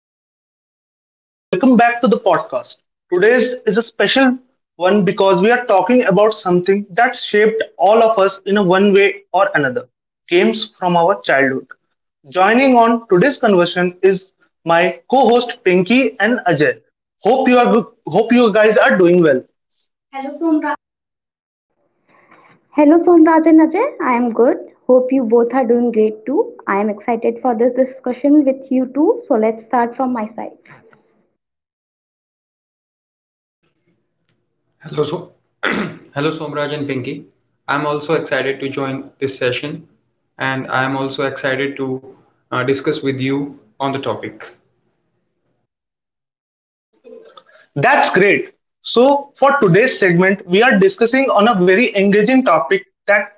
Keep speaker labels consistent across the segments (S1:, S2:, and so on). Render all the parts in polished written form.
S1: everyone, and welcome back to the podcast. Today's is a special one because we are talking about something that shaped all of us in a one way or another games from our childhood. Joining on today's conversation is my co host Pinky and Ajay. Hope you, are, hope you guys are doing well.
S2: Hello Somraj and Ajay, I am good. Hope you both are doing great too. I am excited for this discussion with you too. So let's start from my side.
S3: Hello, hello, Somraj and Pinky. I'm also excited to join this session, and I am also excited to discuss with you on the topic.
S1: That's great. So for today's segment, we are discussing on a very engaging topic that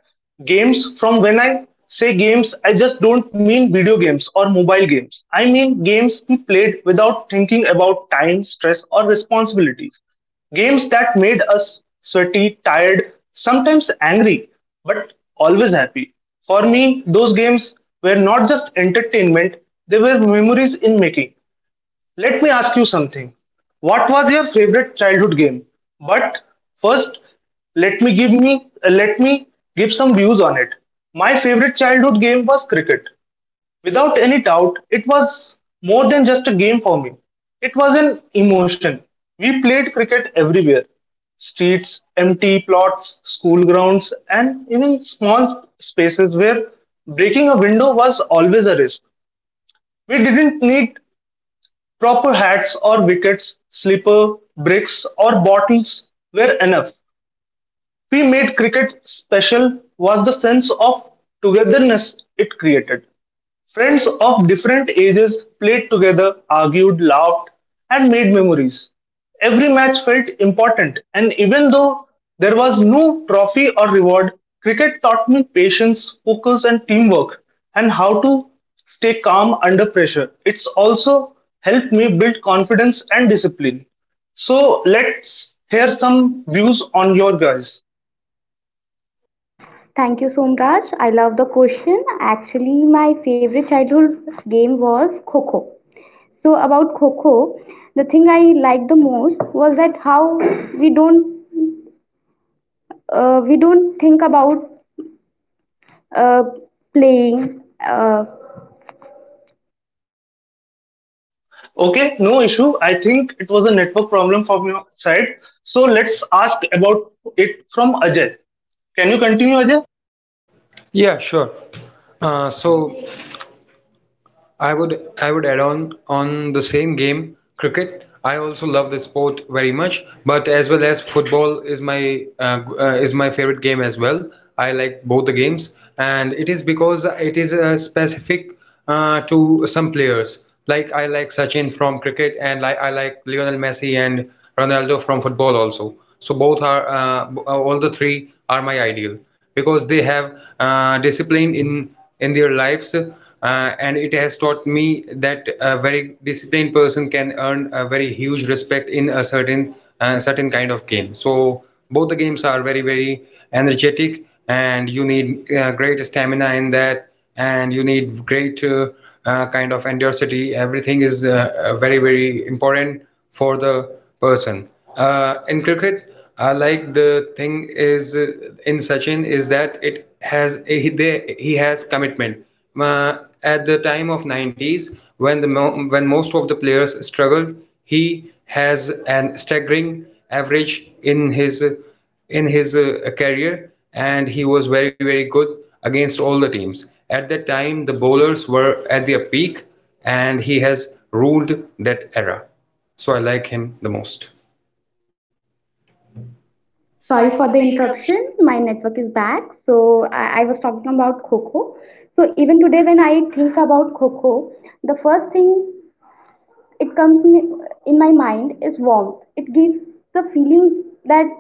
S1: games from when I say games, I just don't mean video games or mobile games. I mean games we played without thinking about time, stress, or responsibilities. Games that made us sweaty, tired, sometimes angry, but always happy. For me, those games were not just entertainment, they were memories in making. Let me ask you something. What was your favorite childhood game? But first, let me give some views on it. My favorite childhood game was cricket. Without any doubt, it was more than just a game for me. It was an emotion. We played cricket everywhere. Streets, empty plots, school grounds, and even small spaces where breaking a window was always a risk. We didn't need proper hats or wickets, slippers, bricks or bottles were enough we made cricket special was the sense of togetherness it created. Friends of different ages played together, argued, laughed, and made memories. Every match felt important, and even though there was no trophy or reward, cricket taught me patience, focus, and teamwork, and how to stay calm under pressure. It's also helped me build confidence and discipline. So, let's hear some views on your guys.
S2: Thank you Somraj. I love the question. Actually, my favorite childhood game was Kho Kho. So about Kho Kho, the thing I liked the most was that how we don't we don't think about uh, playing
S1: Okay, no issue. I think it was a network problem from your side. So let's ask about it from Ajay. Can you continue, Ajay?
S3: Yeah, sure. So I would add on the same game, cricket. I also love the sport very much, but as well as football is my is my favorite game as well. I like both the games, and it is because it is specific to some players. Like I like Sachin from cricket, and like I like Lionel Messi and Ronaldo from football also. So all the three are my ideal because they have discipline in their lives, and it has taught me that a very disciplined person can earn a very huge respect in a certain kind of game. So both the games are very energetic, and you need great stamina in that, and you need great kind of endurance. Everything is very, very important for the person. In cricket, I like the thing is in Sachin is that it has he, they, he has commitment. At the time of 90s, when the when most of the players struggled, he has an staggering average in his in his career, and he was very good against all the teams. At that time the bowlers were at their peak, and he has ruled that era, so I like him the most.
S2: sorry
S1: Sorry
S2: for
S1: for
S2: the
S1: the interruption.
S2: interruption. My network is back. So I was talking about Coco. So even today, when I think about Coco, the first thing it comes me- in my mind is warmth. It gives the feeling that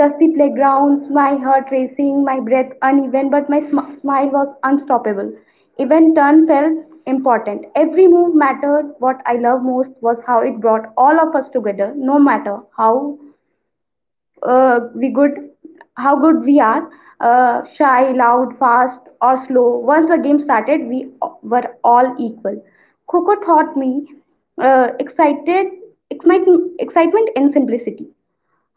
S2: dusty playgrounds, my heart racing, my breath uneven, but my smile was unstoppable. Even turn felt important. Every move mattered. What I love most was how it brought all of us together, no matter how we good how good we are, shy, loud, fast, or slow. Once the game started, we were all equal. Coco taught me uh, excited excitement and simplicity,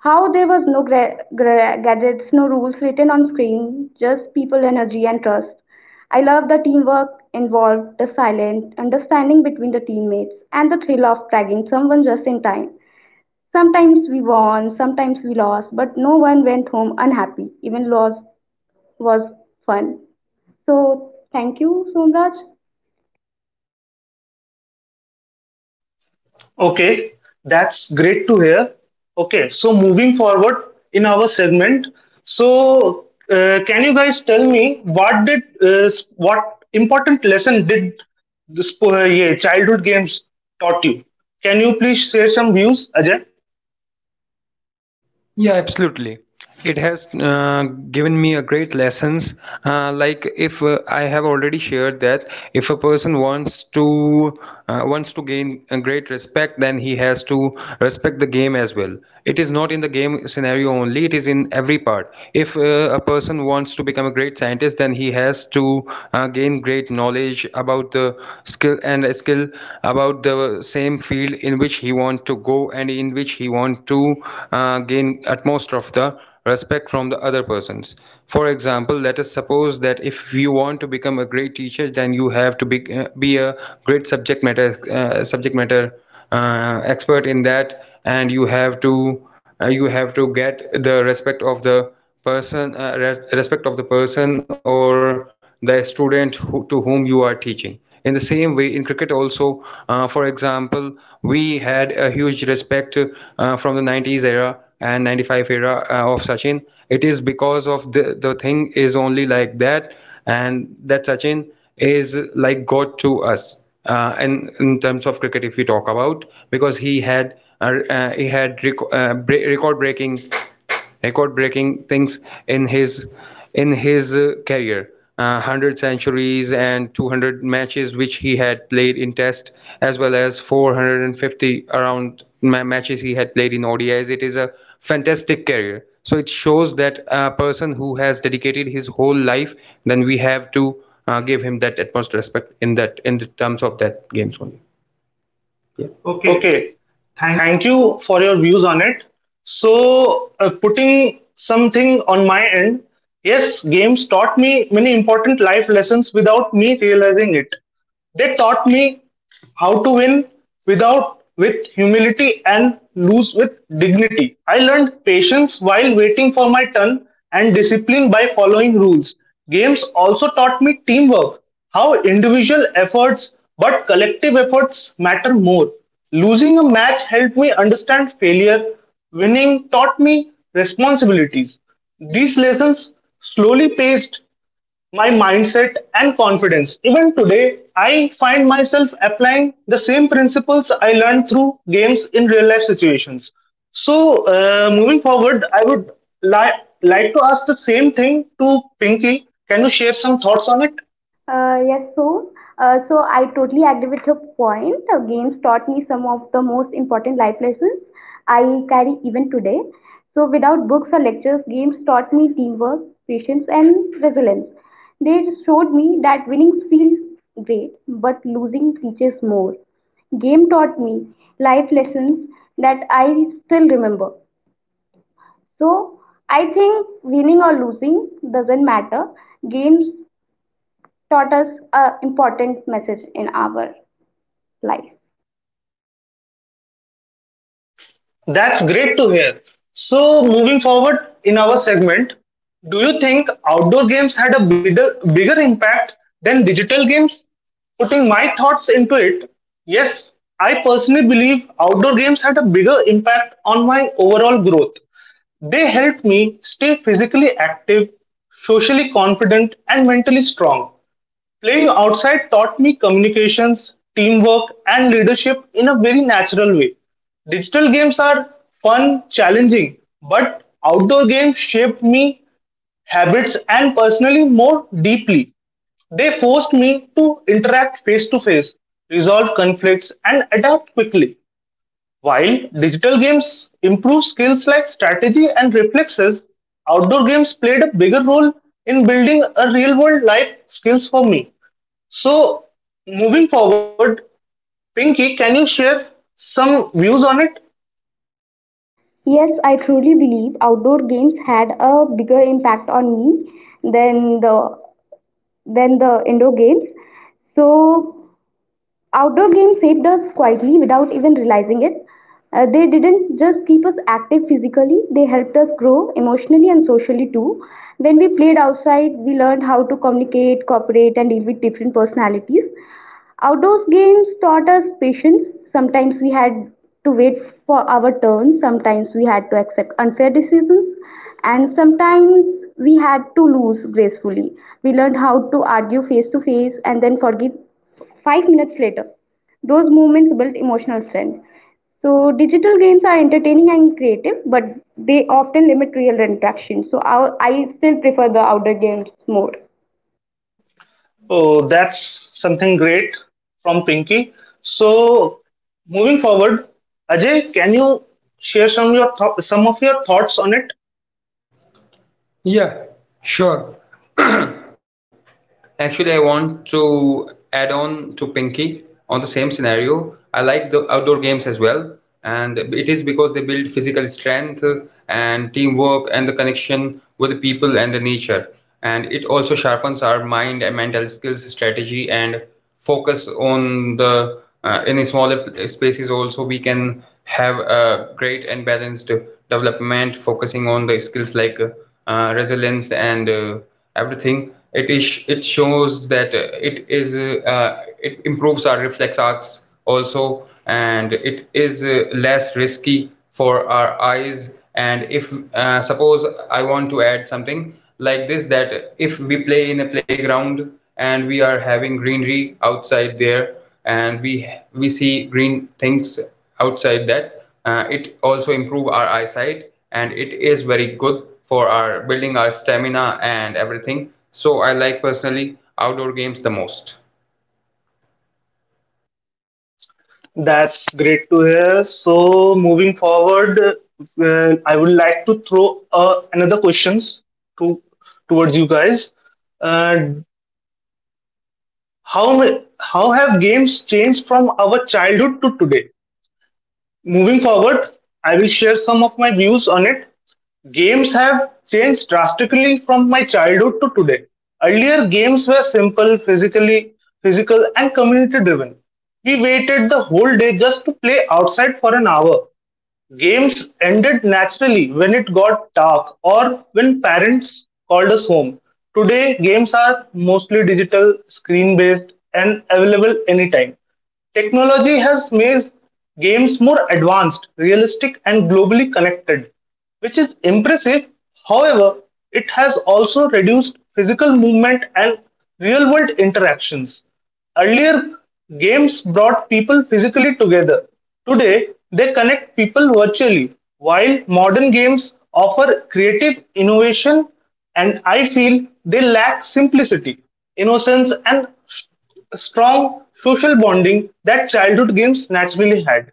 S2: how there was no gadgets, no rules written on screen, just people, energy, and trust. I love the teamwork involved, the silent understanding between the teammates, and the thrill of tagging someone just in time. Sometimes we won, sometimes we lost, but no one went home unhappy. Even loss was fun. So, thank you, Somraj.
S1: Okay, that's great to hear. Okay, so moving forward in our segment, can you guys tell me what important lesson did this yeah, childhood games taught you? Can you please share some views, Ajay?
S3: Yeah, absolutely. It has given me a great lessons. Like if I have already shared that if a person wants to gain a great respect, then he has to respect the game as well. It is not in the game scenario only; it is in every part. If a person wants to become a great scientist, then he has to gain great knowledge about the skill and skill about the same field in which he wants to go, and in which he wants to gain utmost of the respect from the other persons. For example, let us suppose that if you want to become a great teacher, then you have to be a great subject matter expert in that, and you have to get the respect of the respect of the person or the student who, to whom you are teaching. In the same way in cricket also, for example, we had a huge respect from the 90s era and 95 era of Sachin. It is because of the thing is only like that, and that Sachin is like God to us. And in terms of cricket, if we talk about, because he had rec- bre- record breaking things in his in his career, 100 centuries and 200 matches which he had played in test, as well as 450 around matches he had played in ODIs. It is a fantastic career, so it shows that a person who has dedicated his whole life, then we have to give him that utmost respect in that, in the terms of that games only. Yeah. Okay,
S1: Okay,
S3: thank.
S1: thank you for your views on it. So, putting something on my end, yes, games taught me many important life lessons without me realizing it. They taught me how to win without with humility and lose with dignity. I learned patience while waiting for my turn and discipline by following rules. Games also taught me teamwork, how individual efforts but collective efforts matter more. Losing a match helped me understand failure. Winning taught me responsibilities. These lessons slowly paced my mindset and confidence. Even today, I find myself applying the same principles I learned through games in real life situations. So, moving forward, I would like to ask the same thing to Pinky. Can you share some thoughts on it?
S2: Uh, yes, so so I totally agree with your point. Games taught me some of the most important life lessons I carry even today. So without books or lectures, games taught me teamwork, patience, and resilience. They showed me that winnings feel great, but losing teaches more. Game taught me life lessons that I still remember. So I think winning or losing doesn't matter. Games taught us a important message in our life.
S1: That's great to hear. So, moving forward in our segment, do you think outdoor games had a bigger impact than digital games? Putting my thoughts into it, yes, I personally believe outdoor games had a bigger impact on my overall growth. They helped me stay physically active, socially confident, and mentally strong. Playing outside taught me communications, teamwork, and leadership in a very natural way. Digital games are fun, challenging, but outdoor games shaped me habits and personally more deeply. They forced me to interact face to face, resolve conflicts, and adapt quickly. While digital games improve skills like strategy and reflexes, outdoor games played a bigger role in building a real world life skills for me. So, moving forward, Pinky, can you share some views on it?
S2: Yes, I truly believe outdoor games had a bigger impact on me than the indoor games. So outdoor games saved us quietly without even realizing it. They didn't just keep us active physically, they helped us grow emotionally and socially too. When we played outside, we learned how to communicate, cooperate, and deal with different personalities. Outdoors games taught us patience. Sometimes we had to wait for our turn, sometimes we had to accept unfair decisions, and sometimes we had to lose gracefully. We learned how to argue face to face and then forgive 5 minutes later. Those moments built emotional strength. So, digital games are entertaining and creative, but they often limit real interaction. So, our, I still prefer the outdoor games more.
S1: Oh, that's something great from Pinky. So, moving forward, Ajay, can you share some of your thoughts on it?
S3: Yeah, sure. Actually, I want to add on to Pinky on the same scenario. I like the outdoor games as well, and it is because they build physical strength and teamwork and the connection with the people and the nature. And it also sharpens our mind and mental skills, strategy, and focus on the in smaller spaces also. We can have a great and balanced development focusing on the skills like resilience and everything. It is it shows that it improves our reflex arcs also, and it is less risky for our eyes. And if suppose I want to add something like this, that if we play in a playground and we are having greenery outside there, and we see green things outside, that it also improves our eyesight, and it is very good for our building our stamina and everything. So I like personally outdoor games the most.
S1: That's great to hear. So, moving forward, I would like to throw another questions to towards you guys. Uh, how ma- how have games changed from our childhood to today? Moving forward, I will share some of my views on it. Games have changed drastically from my childhood to today. Earlier games were simple, physical and community driven. We waited the whole day just to play outside for an hour. Games ended naturally when it got dark or when parents called us home. Today, games are mostly digital, screen based, and available anytime. Technology has made games more advanced, realistic, and globally connected which is impressive. However, it has also reduced physical movement and real world interactions. Earlier, games brought people physically together. Today, they connect people virtually, while modern games offer creative innovation and I feel they lack simplicity, innocence, and strong social bonding that childhood games naturally had.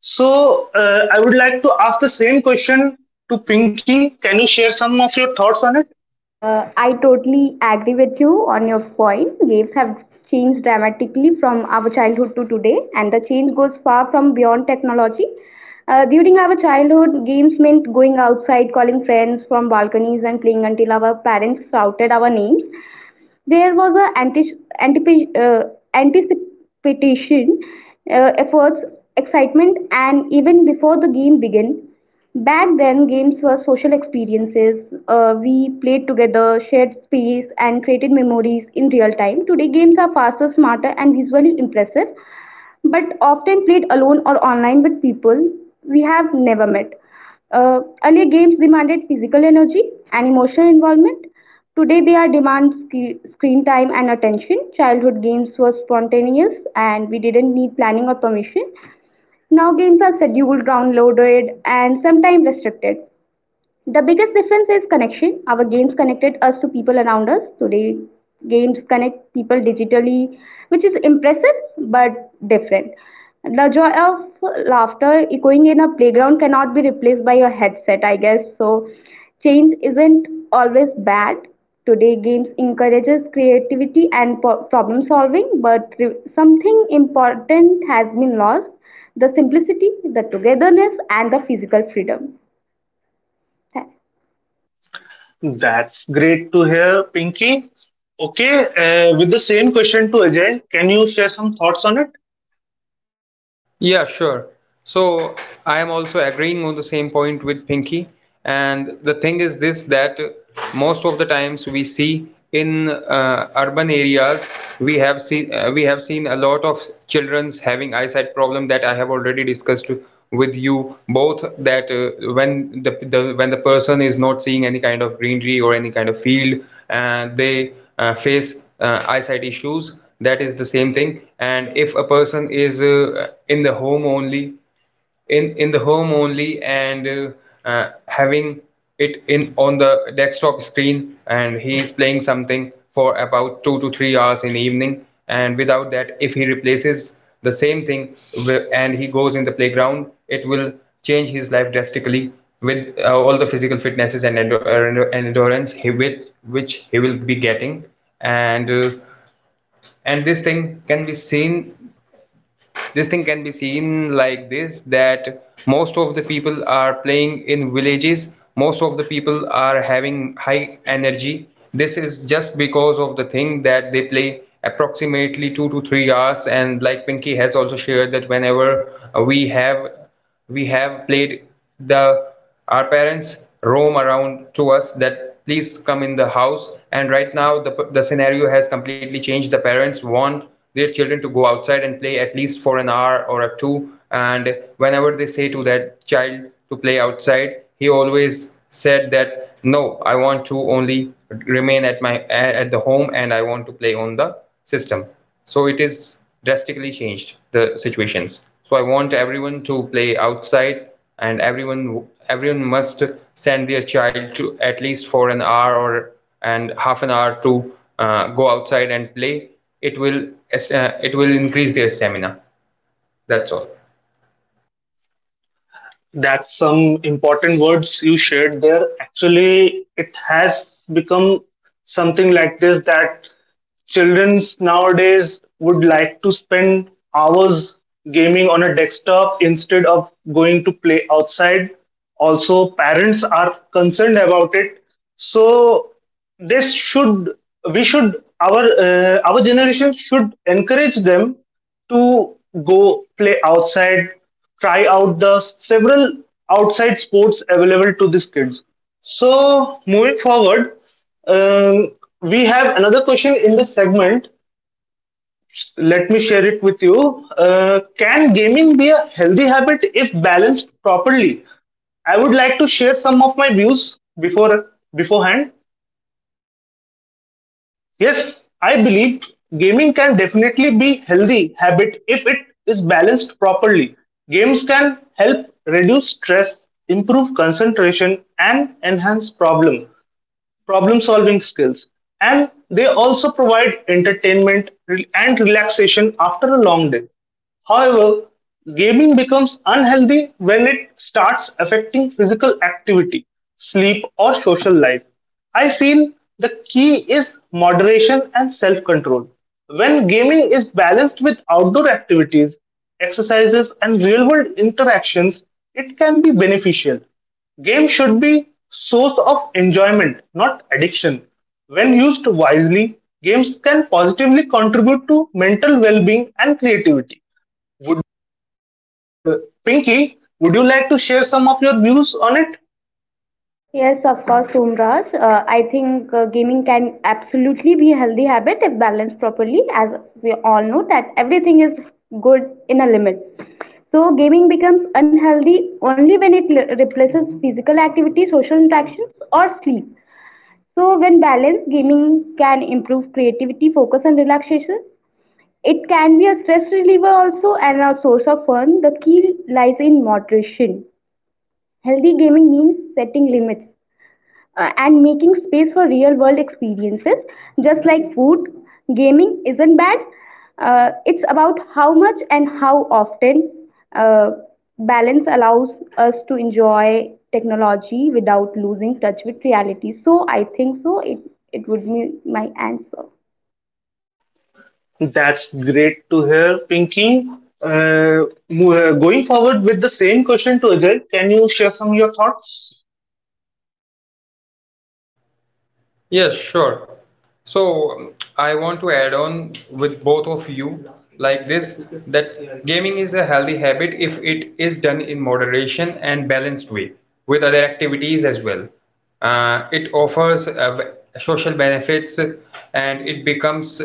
S1: So I would like to ask the same question to Pinky. Can you share some of your thoughts on it?
S2: I totally agree with you on your point. Games have changed dramatically from our childhood to today, and the change goes far from beyond technology. During our childhood, games meant going outside, calling friends from balconies, and playing until our parents shouted our names. There was an antipi- uh, anticipation, efforts, excitement, and even before the game began, back then games were social experiences. We played together, shared space, and created memories in real time. Today, games are faster, smarter, and visually impressive but often played alone or online with people we have never met. Earlier games demanded physical energy and emotional involvement. Today they are demand screen time and attention. Childhood games were spontaneous and we didn't need planning or permission. Now games are scheduled, downloaded, and sometimes restricted. The biggest difference is connection. Our games connected us to people around us. Today, games connect people digitally, which is impressive but different. The joy of laughter echoing in a playground cannot be replaced by a headset, I guess. So, change isn't always bad. Today, games encourages creativity and problem solving, but something important has been lost: the simplicity, the togetherness, and the physical freedom. Tha-
S1: That's great to hear, Pinky. Okay, with the same question to Ajay, can you share some thoughts on it?
S3: Yeah, sure. So I am also agreeing on the same point with Pinky. And the thing is this, that most of the times we see in urban areas, we have seen a lot of children's having eyesight problem, that I have already discussed with you both, that when the when the person is not seeing any kind of greenery or any kind of field, and they face eyesight issues. That is the same thing. And if a person is in the home only, in the home only, and having it in on the desktop screen, and he is playing something for about 2 to 3 hours in the evening, and without that, if he replaces the same thing and he goes in the playground, it will change his life drastically with all the physical fitnesses and, and endurance he with which he will be getting. And this thing can be seen, like this, that most of the people are playing in villages. Most of the people are having high energy. This is just because of the thing that they play approximately 2 to 3 hours. And like Pinky has also shared that whenever uh, we have we have played, the our parents roam around to us, that please come in the house. And right now, the scenario has completely changed. The parents want their children to go outside and play at least for an hour or a two, and whenever they say to that child to play outside, he always said that no, I want to only remain at my at the home, and I want to play on the system. So it is drastically changed the situations. So I want everyone to play outside, and everyone must send their child to at least for an hour or and half an hour to go outside and play. It will it will increase their stamina. That's all.
S1: That's some important words you shared there. Actually, it has become something like this that children's nowadays would like to spend hours gaming on a desktop instead of going to play outside. Also, parents are concerned about it. So this should we should our generation should encourage them to go play outside try out the several outside sports available to these kids. So moving forward, um, we have another question in this segment. Let me share it with you. Can gaming be a healthy habit if balanced properly? I would like to share some of my views beforehand. Yes, I believe gaming can definitely be healthy habit if it is balanced properly. Games can help reduce stress, improve concentration and enhance problem solving skills, and they also provide entertainment and relaxation after a long day. However, gaming becomes unhealthy when it starts affecting physical activity, sleep, or social life. I feel the key is moderation and self control. When gaming is balanced with outdoor activities, exercises, and real world interactions, it can be beneficial. Games should be source of enjoyment, not addiction. When used wisely, games can positively contribute to mental well-being and creativity. Would uh, Pinky, would you like to share some of your views on it?
S2: Yes, of course, Somraj. I think gaming can absolutely be a healthy habit if balanced properly, as we all know that everything is good in a limit. So, gaming becomes unhealthy only when it replaces physical activity, social interactions, or sleep. So, when balanced, gaming can improve creativity, focus, and relaxation. It can be a stress reliever also and a source of fun. The key lies in moderation. Healthy gaming means setting limits and making space for real world experiences, just like food. Gaming isn't bad, it's about how much and how often. Uh, balance allows us to enjoy technology without losing touch with reality. So I think so, it would be my answer.
S1: That's great to hear, Pinky. Uh, going forward with the same question to Ajay, can you share some of your thoughts?
S3: Yes, sure. So I want to add on with both of you like this, that gaming is a healthy habit if it is done in moderation and balanced way with other activities as well. It offers social benefits, and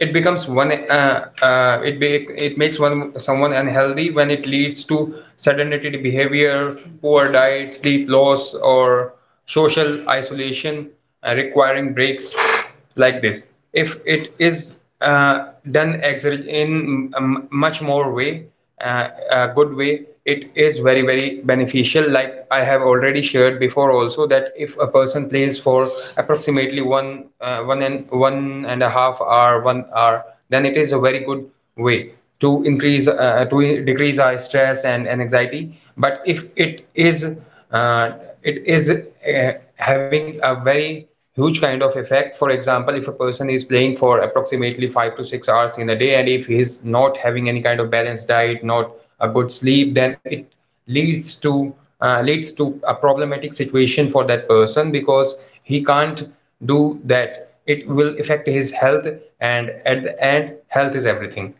S3: it becomes one it be, it makes one someone unhealthy when it leads to sedentary behavior, poor diet, sleep loss, or social isolation, requiring breaks like this. If it is in a much more way, a good way, it is very beneficial. Like I have already shared before also that if a person plays for approximately one and one and a half hour 1 hour, then it is a very good way to increase to decrease our stress and, anxiety. But if it is uh, it is uh, having a very huge kind of effect, for example, if a person is playing for approximately 5 to 6 hours in a day, and if he's not having any kind of balanced diet, not a good sleep, then it leads to a problematic situation for that person, because he can't do that. It will affect his health, and at the end health is everything.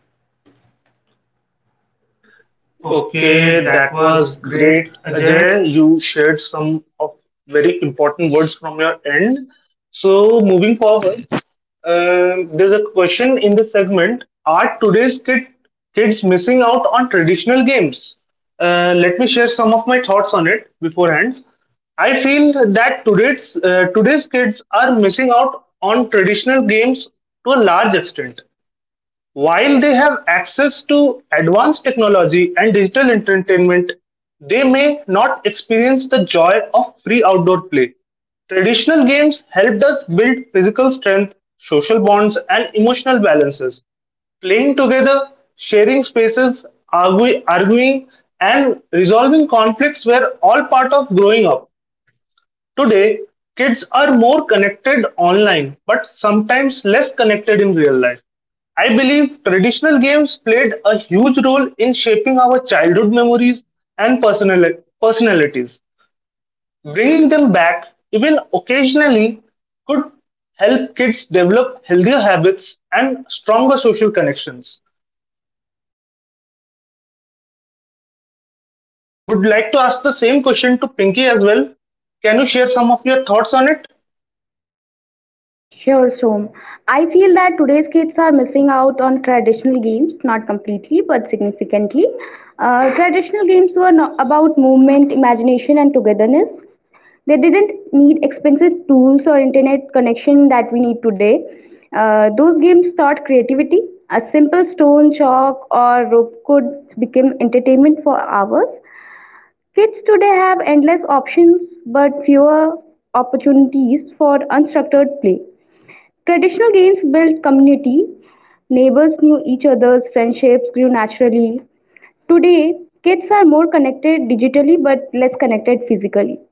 S3: Okay,
S1: Okay,
S3: that
S1: that
S3: was
S1: was
S3: great,
S1: great,
S3: Ajay.
S1: Ajay. You shared some of very important words from your end. So, moving forward, there's a question in the segment: are kids missing out on traditional games? Let me share some of my thoughts on it beforehand. I feel that today's kids are missing out on traditional games to a large extent. While they have access to advanced technology and digital entertainment, they may not experience the joy of free outdoor play. Traditional games helped us build physical strength, social bonds, and emotional balances. Playing together, sharing spaces, arguing, and resolving conflicts were all part of growing up. Today, kids are more connected online but sometimes less connected in real life. I believe traditional games played a huge role in shaping our childhood memories and personalities. Bringing them back, even occasionally, could help kids develop healthier habits and stronger social connections. Would like to ask the same question to Pinky as well. Can you share some of your thoughts on it?
S2: Sure, Som. I feel that today's kids are missing out on traditional games, not completely, but significantly. Traditional games were about movement, imagination, and togetherness. They didn't need expensive tools or internet connection that we need today. Those games taught creativity. A simple stone, chalk, or rope could become entertainment for hours. Kids today have endless options but fewer opportunities for unstructured play. Traditional games built community, neighbors knew each other's, friendships grew naturally. Today, kids are more connected digitally but less connected physically.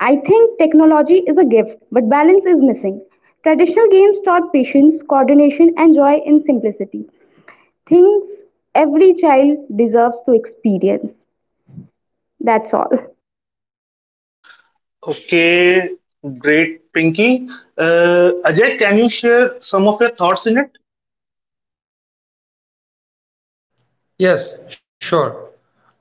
S2: I think technology is a gift, but balance is missing. Traditional games taught patience, coordination, and joy in simplicity. Things every child deserves to experience. That's all.
S1: Okay, great, Pinky. Ajay, can you share some of your thoughts in it?
S3: Yes, sure.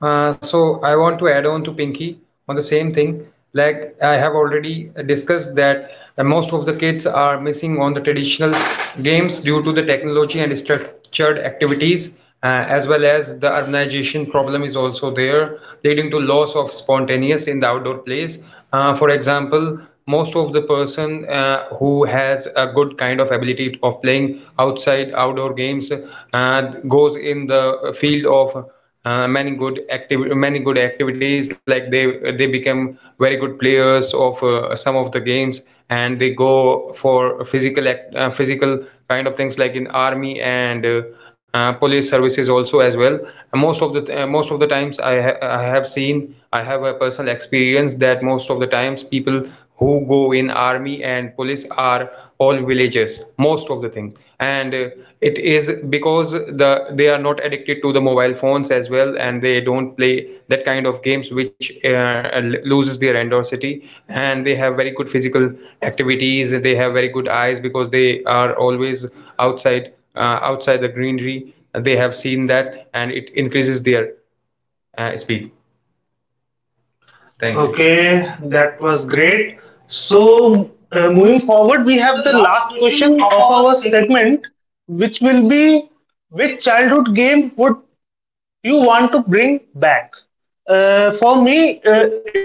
S3: So I want to add on to Pinky on the same thing. Like I have already discussed, that most of the kids are missing on the traditional games due to the technology and structured activities, as well as the urbanization problem is also there, leading to loss of spontaneous in the outdoor plays. For example, most of the person who has a good kind of ability of playing outside outdoor games, uh, goes in the field of many good activities, like they become very good players of some of the games, and they go for physical kind of things, like in army and police services also. As well, most of the times I have seen, I have a personal experience, that most of the times people who go in army and police are all villagers most of the things. And it is because they are not addicted to the mobile phones as well, and they don't play that kind of games which loses their endosity, and they have very good physical activities. They have very good eyes because they are always outside, outside the greenery they have seen that, and it increases their speed.
S1: Thank
S3: Thank
S1: you.
S3: you. Okay,
S1: Okay, that
S3: that
S1: was
S3: was
S1: great.
S3: great.
S1: So,
S3: So, moving
S1: moving
S3: to
S1: forward,
S3: the
S1: we have
S3: last
S1: the last
S3: question of
S1: question
S3: our
S1: of
S3: segment.
S1: our segment, which will be which childhood game would you want to bring back? For me, it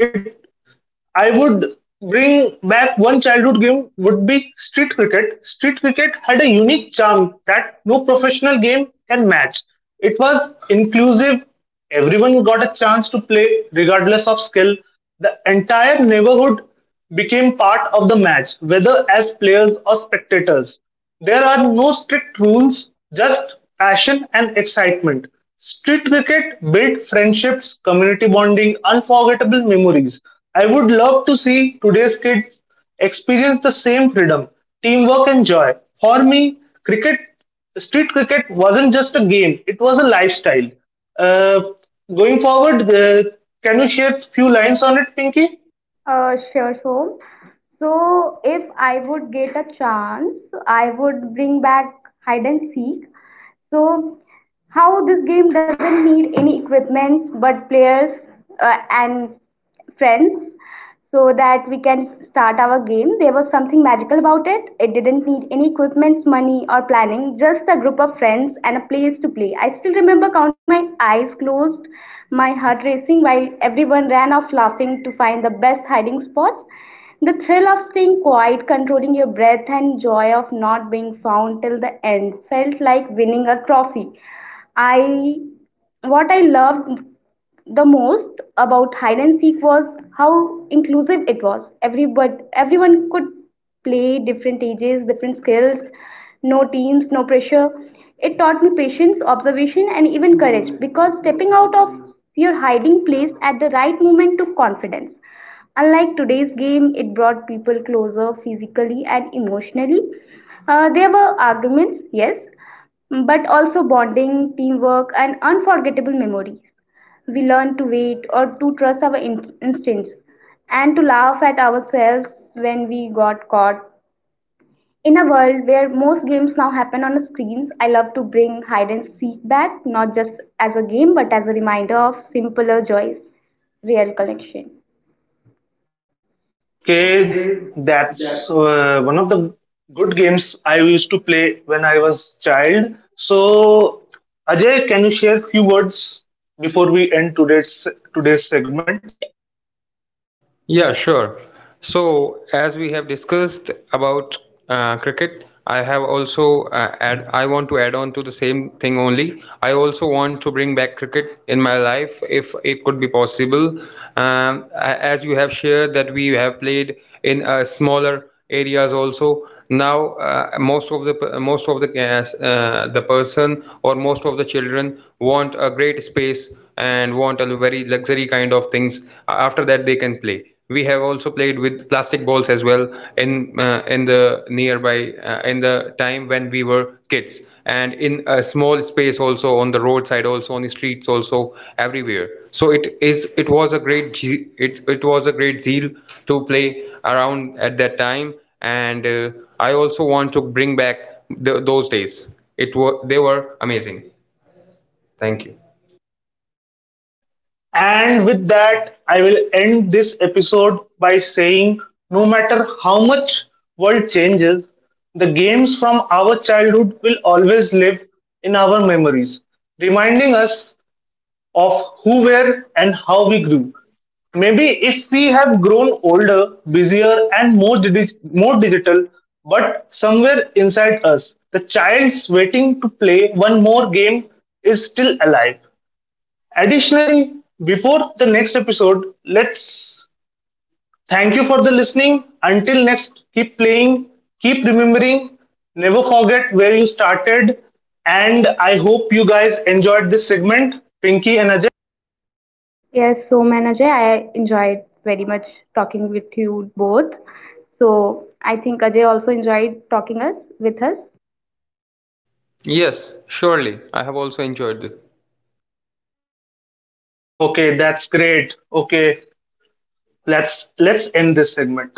S1: I would bring back one childhood game would be street cricket. Street cricket had a unique charm that no professional game can match. It was inclusive. Everyone got a chance to play regardless of skill. The entire neighborhood became part of the match, whether as players or spectators. There are no strict rules, just passion and excitement. Street cricket built friendships, community bonding, unforgettable memories. I would love to see today's kids experience the same freedom, teamwork, and joy. For me, street cricket wasn't just a game, it was a lifestyle. Uh, going forward, can you share a few lines on it, Pinky?
S2: Sure. So, so if I would get a chance, I would bring back hide and seek. So how this game doesn't need any equipments but players and friends so that we can start our game. There was something magical about it. It didn't need any equipments, money, or planning, just a group of friends and a place to play. I still remember counting my eyes closed, my heart racing while everyone ran off laughing to find the best hiding spots. The thrill of staying quiet, controlling your breath, and joy of not being found till the end felt like winning a trophy. I what I loved the most about hide and seek was how inclusive it was. Everybody, everyone could play, different ages, different skills, no teams, no pressure. It taught me patience, observation, and even courage because stepping out of your hiding place at the right moment took confidence. Unlike today's game, it brought people closer physically and emotionally. There were arguments, yes, but also bonding, teamwork, and unforgettable memories. We learn to wait or to trust our instincts and to laugh at ourselves when we got caught. In a world where most games now happen on screens, I love to bring hide and seek back, not just as a game but as a reminder of simpler joys, real connection.
S1: Okay, that's one of the good games I used to play when I was child. So, Ajay, can you share few words before we end today's segment?
S3: Yeah, sure. So, as we have discussed about cricket, I have also add. I want to add on to the same thing only. I also want to bring back cricket in my life if it could be possible. As you have shared that we have played in smaller areas also. Now, most of the the person or most of the children want a great space, and want a very luxury kind of things. Uh, after that they can play. We have also played with plastic balls as well in the nearby, in the time when we were kids, and in a small space also, on the roadside also, on the streets also, everywhere. So it was a great zeal to play around at that time. And I also want to bring back those days. It were They were amazing. Thank you.
S1: And with that, I will end this episode by saying, no matter how much world changes, the games from our childhood will always live in our memories, reminding us of who were and how we grew. Maybe if we have grown older, busier, and more digital, but somewhere inside us, the child waiting to play one more game is still alive. Additionally, before the next episode, let's thank you for the listening. Until next, keep playing, keep remembering, never forget where you started. And I hope you guys enjoyed this segment, Pinky and Ajay.
S2: Yes, so Manager, I enjoyed very much talking with you both. So I think Ajay also enjoyed talking us with us.
S3: Yes, surely. I have also enjoyed this.
S1: Okay, that's great. Okay, let's end this segment.